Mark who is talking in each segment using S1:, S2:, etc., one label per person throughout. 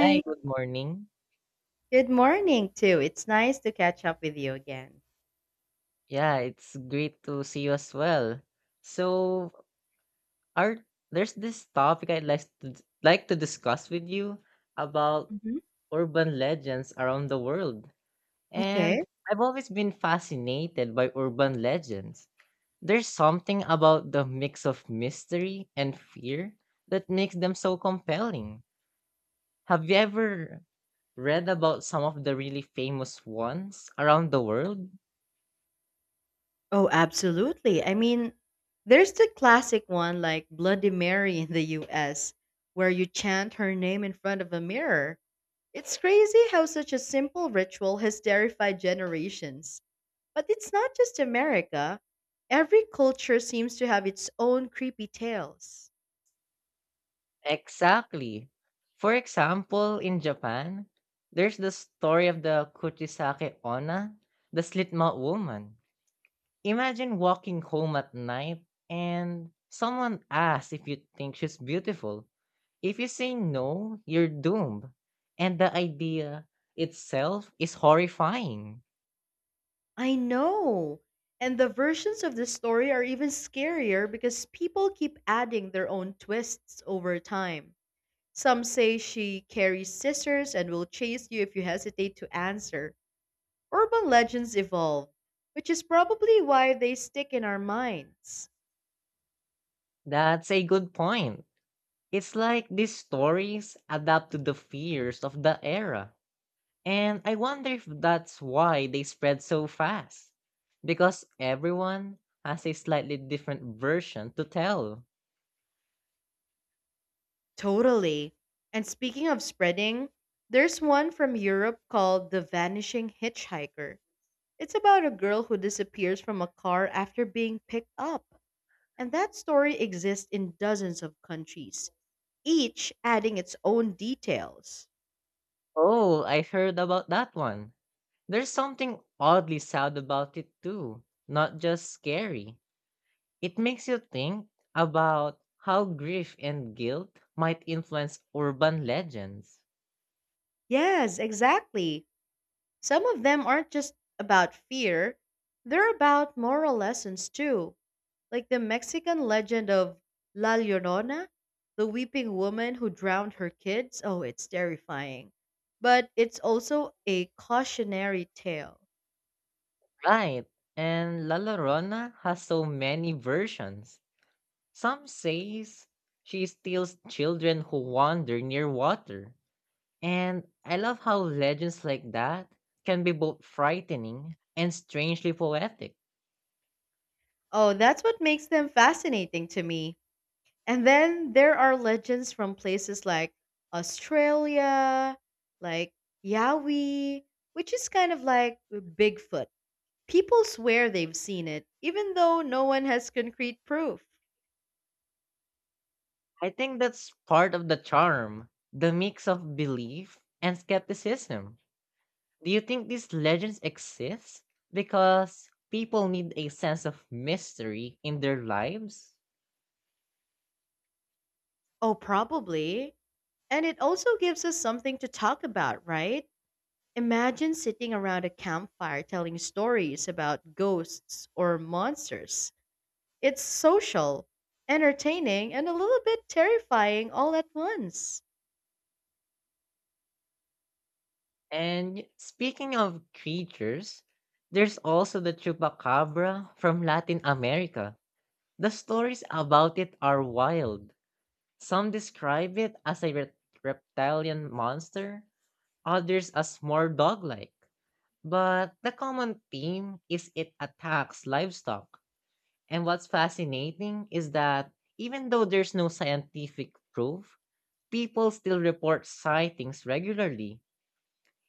S1: Hi, good morning.
S2: Good morning too. It's nice to catch up with you again.
S1: Yeah, it's great to see you as well. So, our there's this topic I'd like to like to discuss with you about
S2: Hmm.
S1: urban legends around the world. And
S2: Okay.
S1: I've always been fascinated by urban legends. There's something about the mix of mystery and fear that makes them so compelling. Have you ever read about some of the really famous ones around the world?
S2: Oh, absolutely. I mean, there's the classic one like Bloody Mary in the US where you chant her name in front of a mirror. It's crazy how such a simple ritual has terrified generations. But it's not just America. Every culture seems to have its own creepy tales.
S1: Exactly. For example, in Japan, there's the story of the Kuchisake Onna, the slit-mouth woman. Imagine walking home at night and someone asks if you think she's beautiful. If you say no, you're doomed. And the idea itself is horrifying.
S2: I know. And the versions of the story are even scarier because people keep adding their own twists over time. Some say she carries scissors and will chase you if you hesitate to answer. Urban legends evolve, which is probably why they stick in our minds.
S1: That's a good point. It's like these stories adapt to the fears of the era. And I wonder if that's why they spread so fast. Because everyone has a slightly different version to tell.
S2: Totally. And speaking of spreading, there's one from Europe called The Vanishing Hitchhiker. It's about a girl who disappears from a car after being picked up. And that story exists in dozens of countries, each adding its own details.
S1: Oh, I heard about that one. There's something oddly sad about it too, not just scary. It makes you think about how grief and guilt might influence urban legends.
S2: Yes, exactly. Some of them aren't just about fear, they're about moral lessons too, like the Mexican legend of La Llorona, the weeping woman who drowned her kids. Oh, it's terrifying. But it's also a cautionary tale.
S1: Right, and La Llorona has so many versions. Some says she steals children who wander near water. And I love how legends like that can be both frightening and strangely poetic.
S2: Oh, that's what makes them fascinating to me. And then there are legends from places like Australia, like Yowie, which is kind of like Bigfoot. People swear they've seen it, even though no one has concrete proof.
S1: I think that's part of the charm, the mix of belief and skepticism. Do you think these legends exist because people need a sense of mystery in their lives?
S2: Oh, probably. And it also gives us something to talk about, right? Imagine sitting around a campfire telling stories about ghosts or monsters. It's social, entertaining, and a little bit terrifying all at once.
S1: And speaking of creatures, there's also the chupacabra from Latin America. The stories about it are wild. Some describe it as a reptilian monster, others as more dog like. But the common theme is it attacks livestock. And what's fascinating is that even though there's no scientific proof, people still report sightings regularly.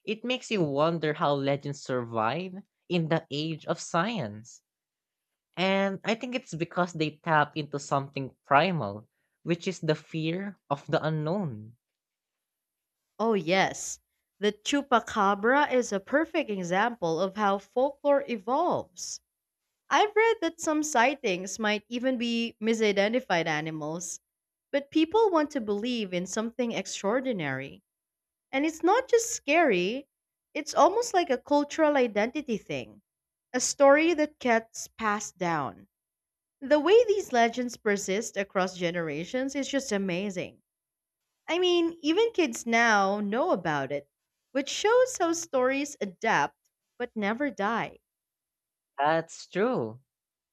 S1: It makes you wonder how legends survive in the age of science. And I think it's because they tap into something primal, which is the fear of the unknown.
S2: Oh, yes. The chupacabra is a perfect example of how folklore evolves. I've read that some sightings might even be misidentified animals, but people want to believe in something extraordinary. And it's not just scary, it's almost like a cultural identity thing, a story that gets passed down. The way these legends persist across generations is just amazing. I mean, even kids now know about it, which shows how stories adapt but never die.
S1: That's true.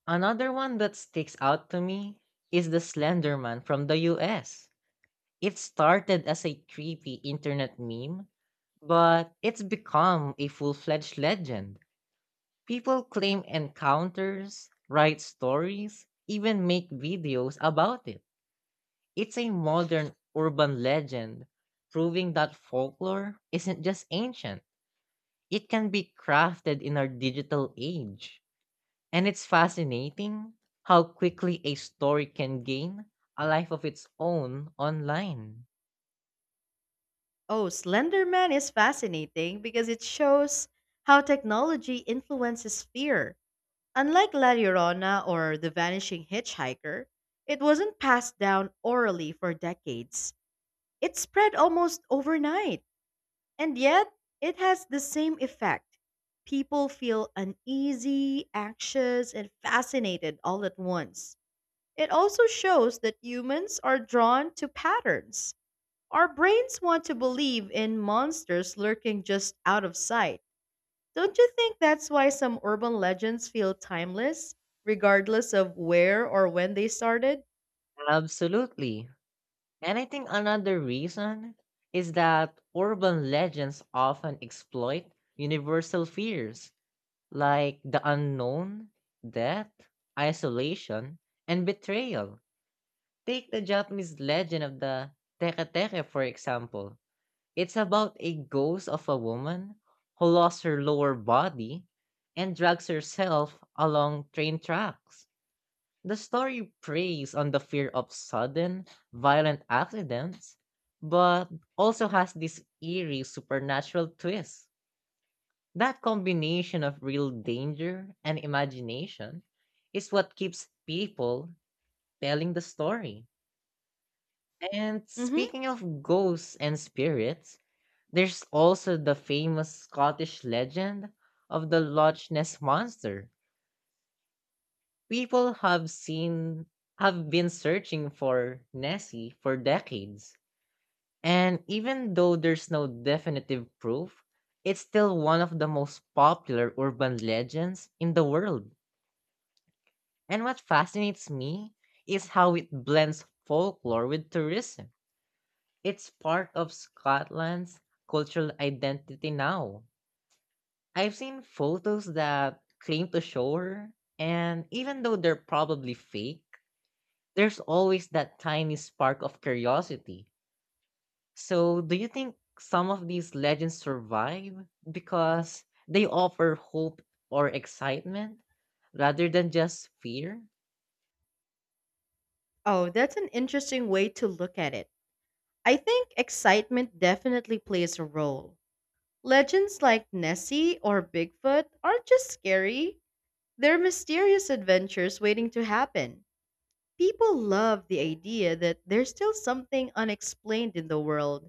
S1: Another one that sticks out to me is the Slender Man from the US. It started as a creepy internet meme, but it's become a full fledged legend. People claim encounters, write stories, even make videos about it. It's a modern urban legend, proving that folklore isn't just ancient, it can be crafted in our digital age. And it's fascinating how quickly a story can gain a life of its own online.
S2: Oh, Slender Man is fascinating because it shows how technology influences fear. Unlike La Llorona or The Vanishing Hitchhiker, it wasn't passed down orally for decades. It spread almost overnight, and yet it has the same effect. People feel uneasy, anxious, and fascinated all at once. It also shows that humans are drawn to patterns. Our brains want to believe in monsters lurking just out of sight. Don't you think that's why some urban legends feel timeless, regardless of where or when they started?
S1: Absolutely. And I think another reason is that urban legends often exploit universal fears like the unknown, death, isolation, and betrayal. Take the Japanese legend of the Teke-Teke, for example. It's about a ghost of a woman who lost her lower body and drags herself along train tracks. The story preys on the fear of sudden, violent accidents, but also has this eerie supernatural twist. That combination of real danger and imagination is what keeps people telling the story. And
S2: Hmm.
S1: speaking of ghosts and spirits, there's also the famous Scottish legend of the Loch Ness monster. People have seen have been searching for Nessie for decades. And even though there's no definitive proof, it's still one of the most popular urban legends in the world. And what fascinates me is how it blends folklore with tourism. It's part of Scotland's cultural identity now. I've seen photos that claim to show her, and even though they're probably fake, there's always that tiny spark of curiosity. So, do you think some of these legends survive because they offer hope or excitement rather than just fear?
S2: Oh, that's an interesting way to look at it. I think excitement definitely plays a role. Legends like Nessie or Bigfoot aren't just scary, they're mysterious adventures waiting to happen. People love the idea that there's still something unexplained in the world.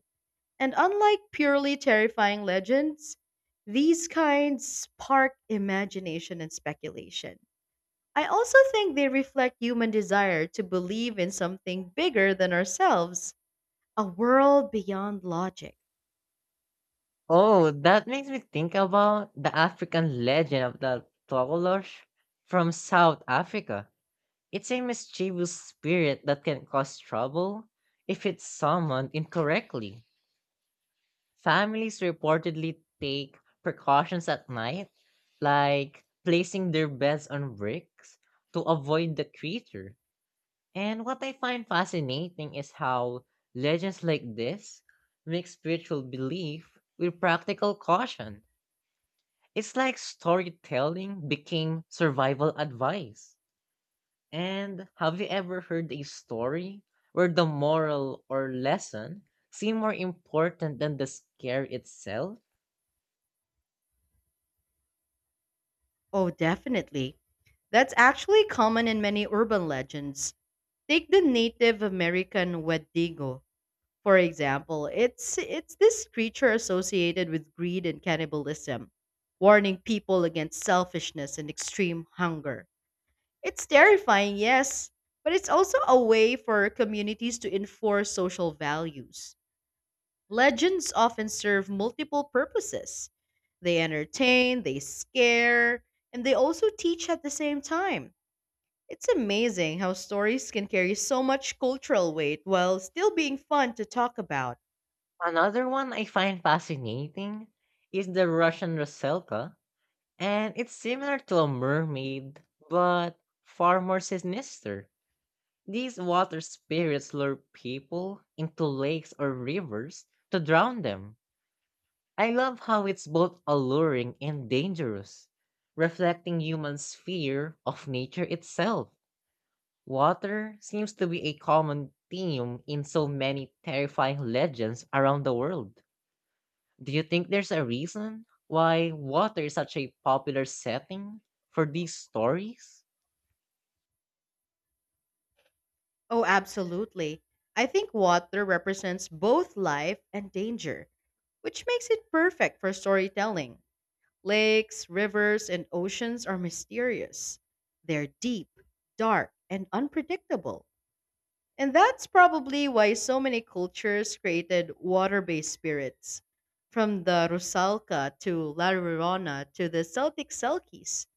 S2: And unlike purely terrifying legends, these kinds spark imagination and speculation. I also think they reflect human desire to believe in something bigger than ourselves, a world beyond logic.
S1: Oh, that makes me think about the African legend of the Tololosh from South Africa. It's a mischievous spirit that can cause trouble if it's summoned incorrectly. Families reportedly take precautions at night, like placing their beds on bricks to avoid the creature. And what I find fascinating is how legends like this mix spiritual belief with practical caution. It's like storytelling became survival advice. And have you ever heard a story where the moral or lesson seemed more important than the scare itself?
S2: Oh, definitely. That's actually common in many urban legends. Take the Native American Wendigo, for example, it's this creature associated with greed and cannibalism, warning people against selfishness and extreme hunger. It's terrifying, yes, but it's also a way for communities to enforce social values. Legends often serve multiple purposes. They entertain, they scare, and they also teach at the same time. It's amazing how stories can carry so much cultural weight while still being fun to talk about.
S1: Another one I find fascinating is the Russian Roselka, and it's similar to a mermaid, but far more sinister. These water spirits lure people into lakes or rivers to drown them. I love how it's both alluring and dangerous, reflecting humans' fear of nature itself. Water seems to be a common theme in so many terrifying legends around the world. Do you think there's a reason why water is such a popular setting for these stories?
S2: Oh, absolutely. I think water represents both life and danger, which makes it perfect for storytelling. Lakes, rivers, and oceans are mysterious. They're deep, dark, and unpredictable. And that's probably why so many cultures created water based spirits, from the Rusalka to La Llorona to the Celtic Selkies.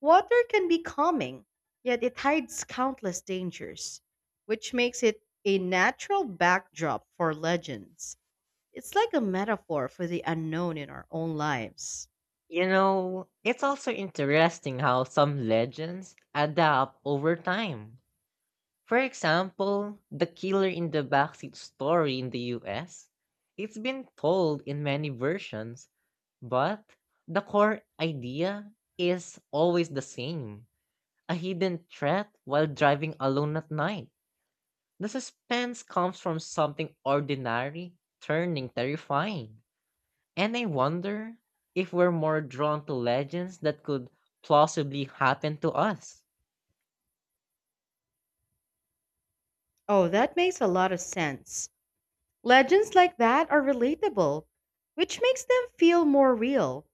S2: Water can be calming, yet it hides countless dangers, which makes it a natural backdrop for legends. It's like a metaphor for the unknown in our own lives.
S1: You know, it's also interesting how some legends adapt over time. For example, the killer in the backseat story in the US, it's been told in many versions, but the core idea is always the same: a hidden threat while driving alone at night. The suspense comes from something ordinary turning terrifying. And I wonder if we're more drawn to legends that could plausibly happen to us.
S2: Oh, that makes a lot of sense. Legends like that are relatable, which makes them feel more real.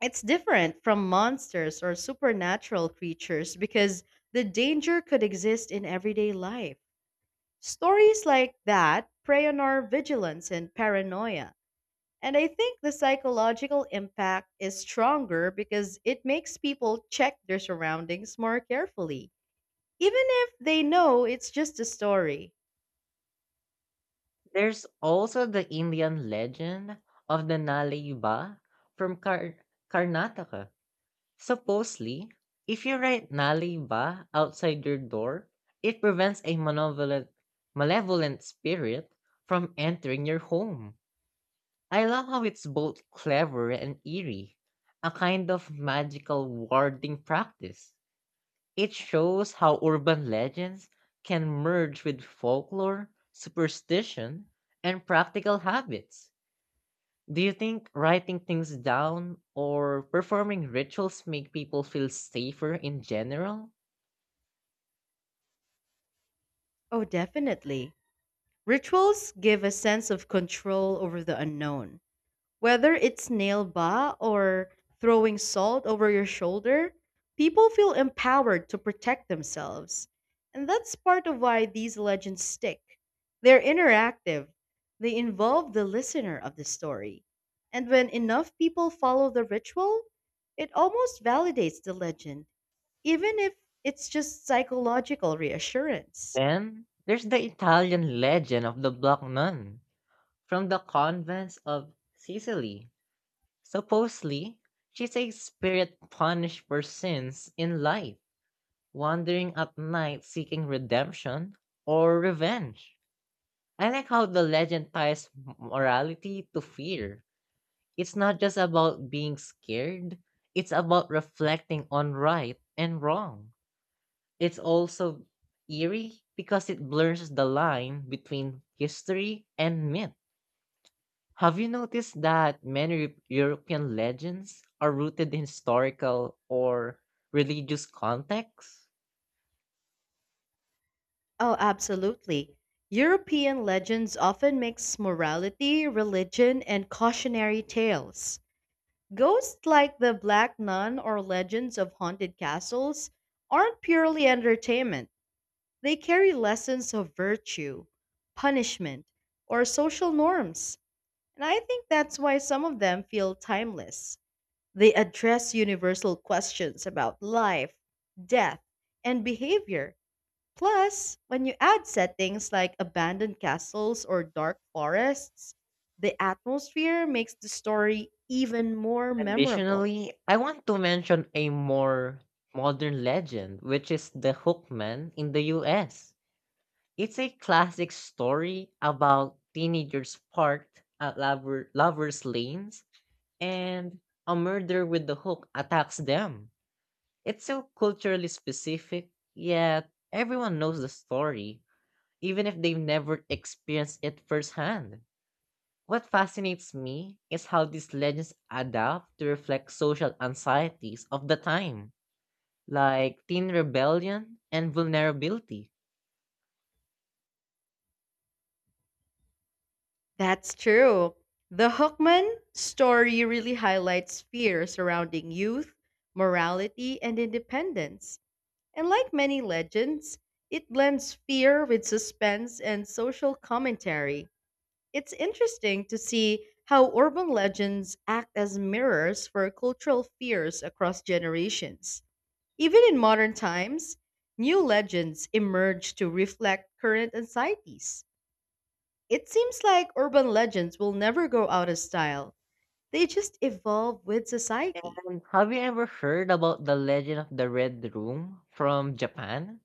S2: It's different from monsters or supernatural creatures because the danger could exist in everyday life. Stories like that prey on our vigilance and paranoia. And I think the psychological impact is stronger because it makes people check their surroundings more carefully, even if they know it's just a story.
S1: There's also the Indian legend of the Nalaiba from Karnataka. Supposedly, if you write Nalaiba outside your door, it prevents a malevolent spirit from entering your home. I love how it's both clever and eerie, a kind of magical warding practice. It shows how urban legends can merge with folklore, superstition, and practical habits. Do you think writing things down or performing rituals make people feel safer in general?
S2: Oh, definitely. Rituals give a sense of control over the unknown. Whether it's nail ba or throwing salt over your shoulder, people feel empowered to protect themselves. And that's part of why these legends stick. They're interactive, they involve the listener of the story. And when enough people follow the ritual, it almost validates the legend, even if it's just psychological reassurance.
S1: Then there's the Italian legend of the Black Nun from the convents of Sicily. Supposedly, she's a spirit punished for sins in life, wandering at night seeking redemption or revenge. I like how the legend ties morality to fear. It's not just about being scared, it's about reflecting on right and wrong. It's also eerie because it blurs the line between history and myth. Have you noticed that many European legends are rooted in historical or religious contexts?
S2: Oh, absolutely. European legends often mix morality, religion, and cautionary tales. Ghosts like the Black Nun or legends of haunted castles aren't purely entertainment. They carry lessons of virtue, punishment, or social norms. And I think that's why some of them feel timeless. They address universal questions about life, death, and behavior. Plus, when you add settings like abandoned castles or dark forests, the atmosphere makes the story even more memorable.
S1: Additionally, I want to mention a more modern legend, which is the Hookman in the US. It's a classic story about teenagers parked at lovers' lanes and a murder with the hook attacks them. It's so culturally specific, yet everyone knows the story, even if they've never experienced it firsthand. What fascinates me is how these legends adapt to reflect social anxieties of the time, like teen rebellion and vulnerability.
S2: That's true. The Hookman story really highlights fear surrounding youth, morality, and independence. And like many legends, it blends fear with suspense and social commentary. It's interesting to see how urban legends act as mirrors for cultural fears across generations. Even in modern times, new legends emerge to reflect current anxieties. It seems like urban legends will never go out of style, they just evolve with society.
S1: And have you ever heard about the legend of the Red Room from Japan?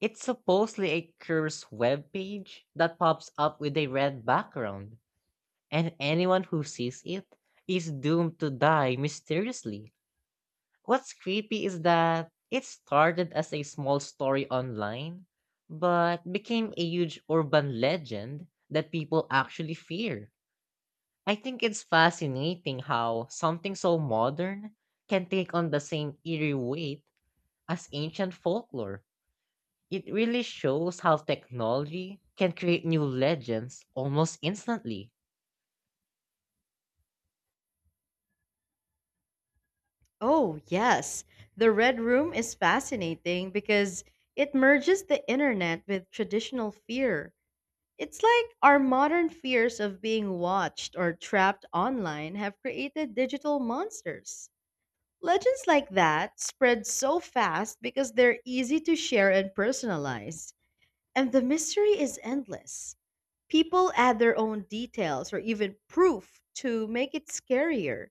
S1: It's supposedly a cursed web page that pops up with a red background, and anyone who sees it is doomed to die mysteriously. What's creepy is that it started as a small story online, but became a huge urban legend that people actually fear. I think it's fascinating how something so modern can take on the same eerie weight as ancient folklore. It really shows how technology can create new legends almost instantly.
S2: Oh, yes. The Red Room is fascinating because it merges the internet with traditional fear. It's like our modern fears of being watched or trapped online have created digital monsters. Legends like that spread so fast because they're easy to share and personalize, and the mystery is endless. People add their own details or even proof to make it scarier.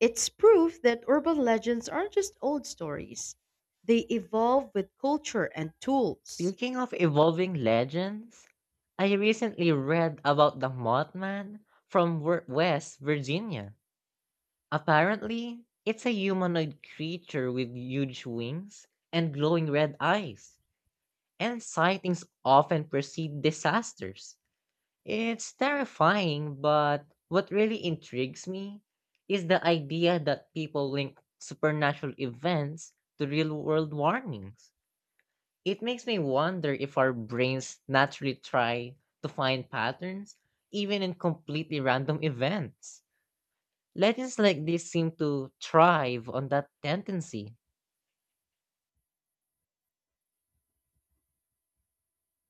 S2: It's proof that urban legends aren't just old stories, they evolve with culture and tools.
S1: Speaking of evolving legends, I recently read about the Mothman from West Virginia. Apparently, it's a humanoid creature with huge wings and glowing red eyes, and sightings often precede disasters. It's terrifying, but what really intrigues me is the idea that people link supernatural events to real world warnings. It makes me wonder if our brains naturally try to find patterns, even in completely random events. Legends like this seem to thrive on that tendency.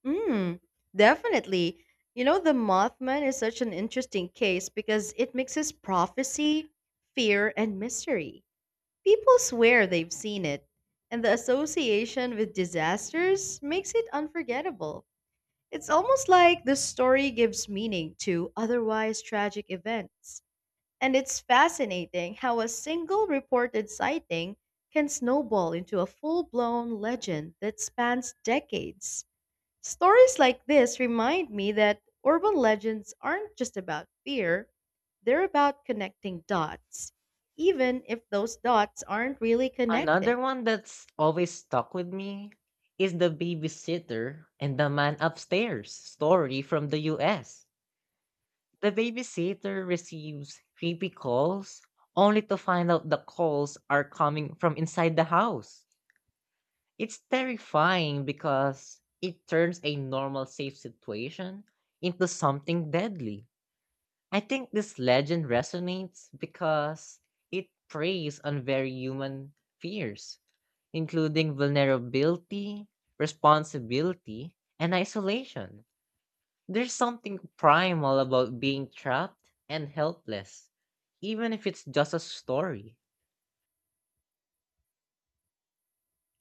S2: Mm, definitely. The Mothman is such an interesting case because it mixes prophecy, fear, and mystery. People swear they've seen it, and the association with disasters makes it unforgettable. It's almost like the story gives meaning to otherwise tragic events. And it's fascinating how a single reported sighting can snowball into a full blown legend that spans decades. Stories like this remind me that urban legends aren't just about fear, they're about connecting dots, even if those dots aren't really connected.
S1: Another one that's always stuck with me is the babysitter and the man upstairs story from the US. The babysitter receives creepy calls only to find out the calls are coming from inside the house. It's terrifying because it turns a normal safe situation into something deadly. I think this legend resonates because it preys on very human fears, including vulnerability, responsibility, and isolation. There's something primal about being trapped and helpless, even if it's just a story.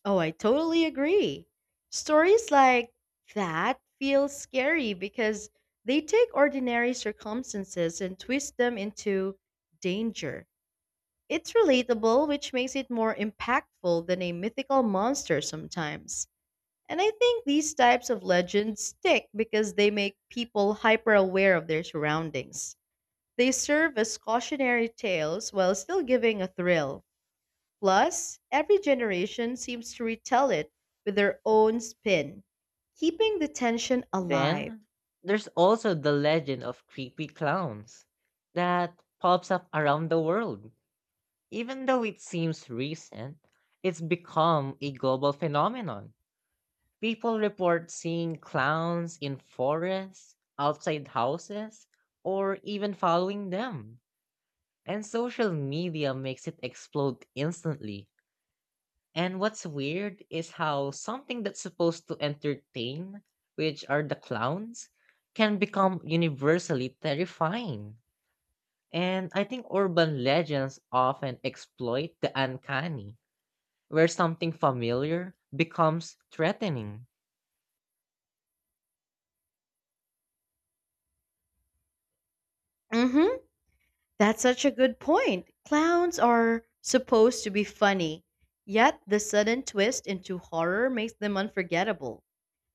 S2: Oh, I totally agree. Stories like that feel scary because they take ordinary circumstances and twist them into danger. It's relatable, which makes it more impactful than a mythical monster sometimes. And I think these types of legends stick because they make people hyper aware of their surroundings. They serve as cautionary tales while still giving a thrill. Plus, every generation seems to retell it with their own spin, keeping the tension alive.
S1: Then there's also the legend of creepy clowns that pops up around the world. Even though it seems recent, it's become a global phenomenon. People report seeing clowns in forests, outside houses, or even following them. And social media makes it explode instantly. And what's weird is how something that's supposed to entertain, which are the clowns, can become universally terrifying. And I think urban legends often exploit the uncanny, where something familiar becomes threatening.
S2: Mm-hmm. That's such a good point. Clowns are supposed to be funny, yet the sudden twist into horror makes them unforgettable.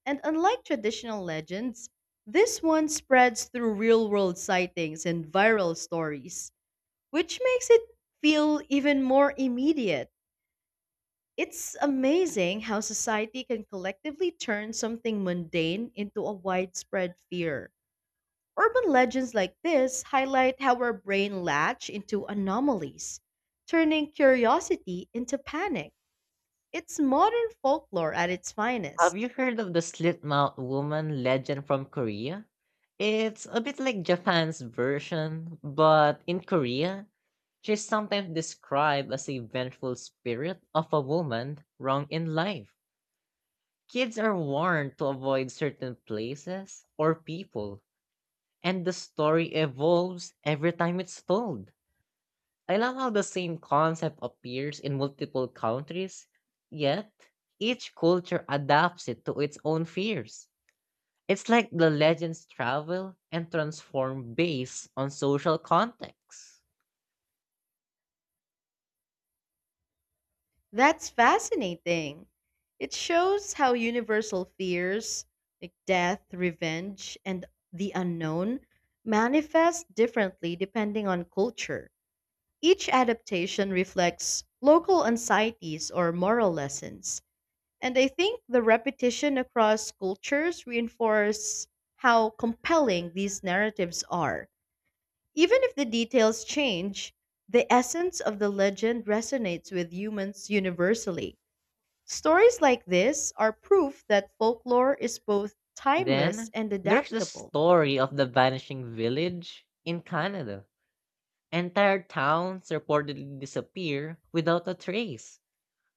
S2: And unlike traditional legends, this one spreads through real world sightings and viral stories, which makes it feel even more immediate. It's amazing how society can collectively turn something mundane into a widespread fear. Urban legends like this highlight how our brain latch into anomalies, turning curiosity into panic. It's modern folklore at its
S1: Have
S2: finest.
S1: you heard of the slit mouth woman legend from Korea? It's a bit like Japan's version, but in Korea, she's sometimes described as a vengeful spirit of a woman wrong in life. Kids are warned to avoid certain places or people, and the story evolves every time it's told. I love how the same concept appears in multiple countries, yet each culture adapts it to its own fears. It's like the legends travel and transform based on social context.
S2: That's fascinating. It shows how universal fears, like death, revenge, and the unknown, manifest differently depending on culture. Each adaptation reflects local anxieties or moral lessons. And I think the repetition across cultures reinforces how compelling these narratives are. Even if the details change, the essence of the legend resonates with humans universally. Stories like this are proof that folklore is both timeless
S1: Then
S2: and
S1: there's the
S2: adaptable.
S1: story of the vanishing village in Canada. Entire towns reportedly disappear without a trace,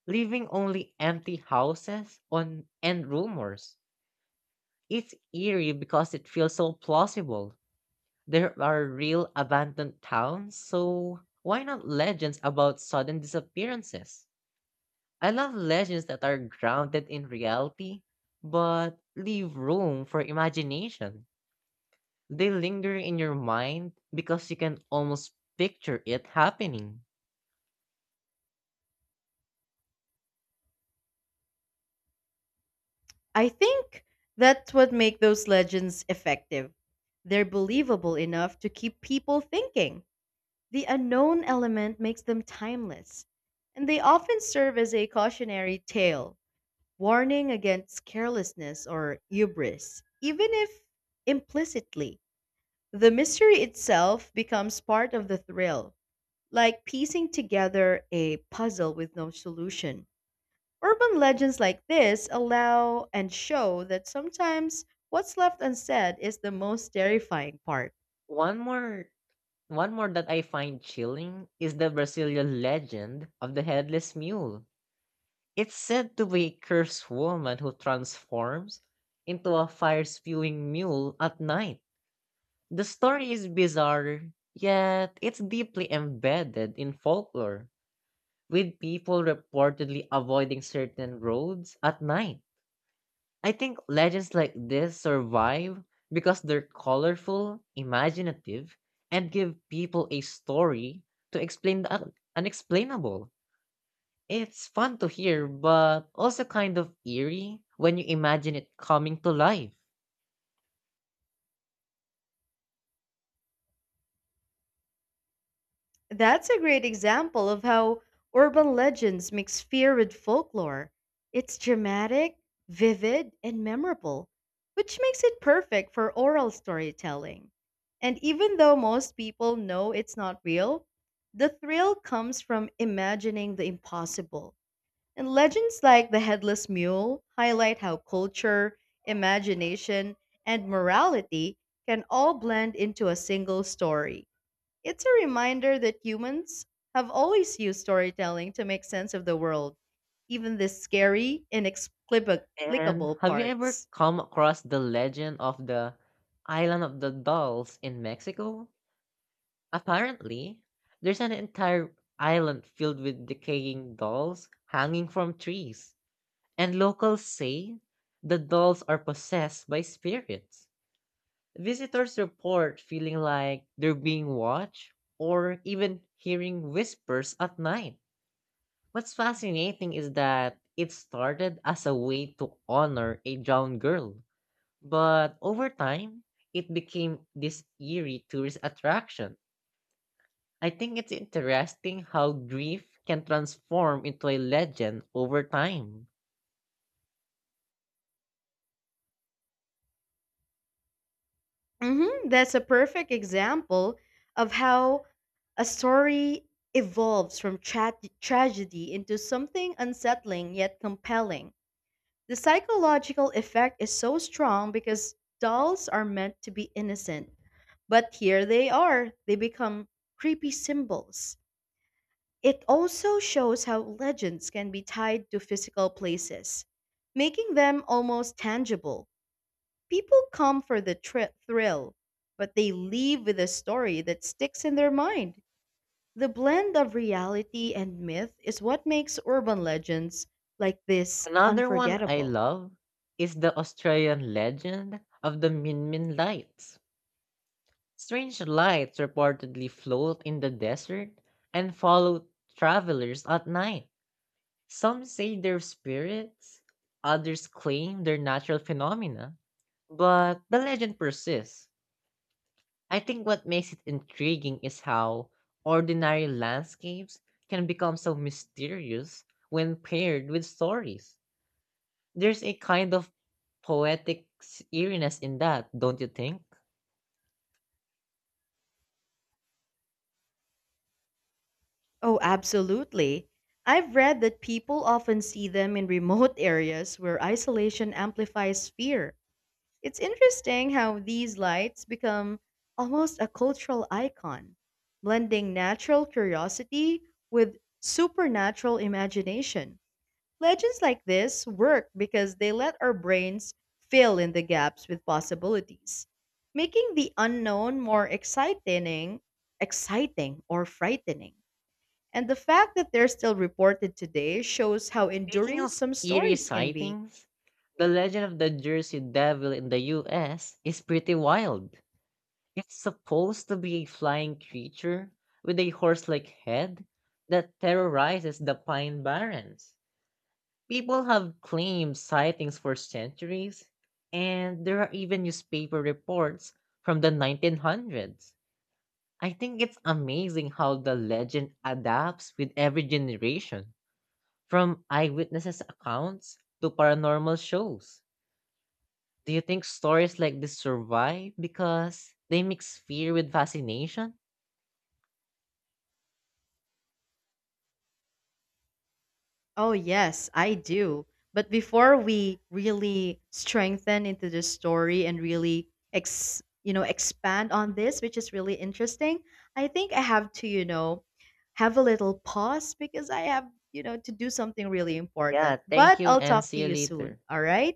S1: leaving only empty houses on and rumors. It's eerie because it feels so plausible. There are real abandoned towns, so why not legends about sudden disappearances? I love legends that are grounded in reality but leave room for imagination. They linger in your mind because you can almost picture it happening.
S2: I think that's what makes those legends effective. They're believable enough to keep people thinking. The unknown element makes them timeless, and they often serve as a cautionary tale, warning against carelessness or hubris, even if implicitly. The mystery itself becomes part of the thrill, like piecing together a puzzle with no solution. Urban legends like this allow and show that sometimes what's left unsaid is the most terrifying part.
S1: One more One more that I find chilling is the Brazilian legend of the headless mule. It's said to be a cursed woman who transforms into a fire-spewing mule at night. The story is bizarre, yet it's deeply embedded in folklore, with people reportedly avoiding certain roads at night. I think legends like this survive because they're colorful, imaginative, and give people a story to explain the unexplainable. It's fun to hear, but also kind of eerie when you imagine it coming to life.
S2: That's a great example of how urban legends mix fear with folklore. It's dramatic, vivid, and memorable, which makes it perfect for oral storytelling. And even though most people know it's not real, the thrill comes from imagining the impossible. And legends like the headless mule highlight how culture, imagination, and morality can all blend into a single story. It's a reminder that humans have always used storytelling to make sense of the world, even the scary,
S1: And
S2: inexplicable
S1: have you ever
S2: parts.
S1: come across the legend of the Island of the Dolls in Mexico? Apparently, there's an entire island filled with decaying dolls hanging from trees and locals say the dolls are possessed by spirits. Visitors report feeling like they're being watched or even hearing whispers at night. What's fascinating is that it started as a way to honor a drowned girl, but over time, it became this eerie tourist attraction. I think it's interesting how grief can transform into a legend over time.
S2: Hmm. That's a perfect example of how a story evolves from tragedy into something unsettling yet compelling. The psychological effect is so strong because dolls are meant to be innocent, but here they are. They become creepy symbols. It also shows how legends can be tied to physical places, making them almost tangible. People come for the thrill, but they leave with a story that sticks in their mind. The blend of reality and myth is what makes urban legends like this
S1: Another one I
S2: unforgettable.
S1: love is the Australian legend of the Min Min lights. Strange lights reportedly float in the desert and follow travelers at night. Some say they're spirits, others claim they're natural phenomena, but the legend persists. I think what makes it intriguing is how ordinary landscapes can become so mysterious when paired with stories. There's a kind of poetic eeriness in that, don't you think?
S2: Oh, absolutely. I've read that people often see them in remote areas where isolation amplifies fear. It's interesting how these lights become almost a cultural icon, blending natural curiosity with supernatural imagination. Legends like this work because they let our brains fill in the gaps with possibilities, making the unknown more exciting or frightening. And the fact that they're still reported today shows how
S1: Speaking
S2: enduring
S1: of
S2: some
S1: eerie
S2: stories can be.
S1: sightings, the legend of the Jersey Devil in the US is pretty wild. It's supposed to be a flying creature with a horse like head that terrorizes the Pine Barrens. People have claimed sightings for centuries, and there are even newspaper reports from the 1900s. I think it's amazing how the legend adapts with every generation, from eyewitnesses' accounts to paranormal shows. Do you think stories like this survive because they mix fear with fascination?
S2: Oh, yes, I do. But before we really strengthen into the story and really expand on this, which is really interesting, I think I have to have a little pause because I have to do something really
S1: Yeah,
S2: important.
S1: thank
S2: But
S1: you
S2: I'll
S1: and
S2: talk to
S1: see you
S2: you soon,
S1: later.
S2: all right?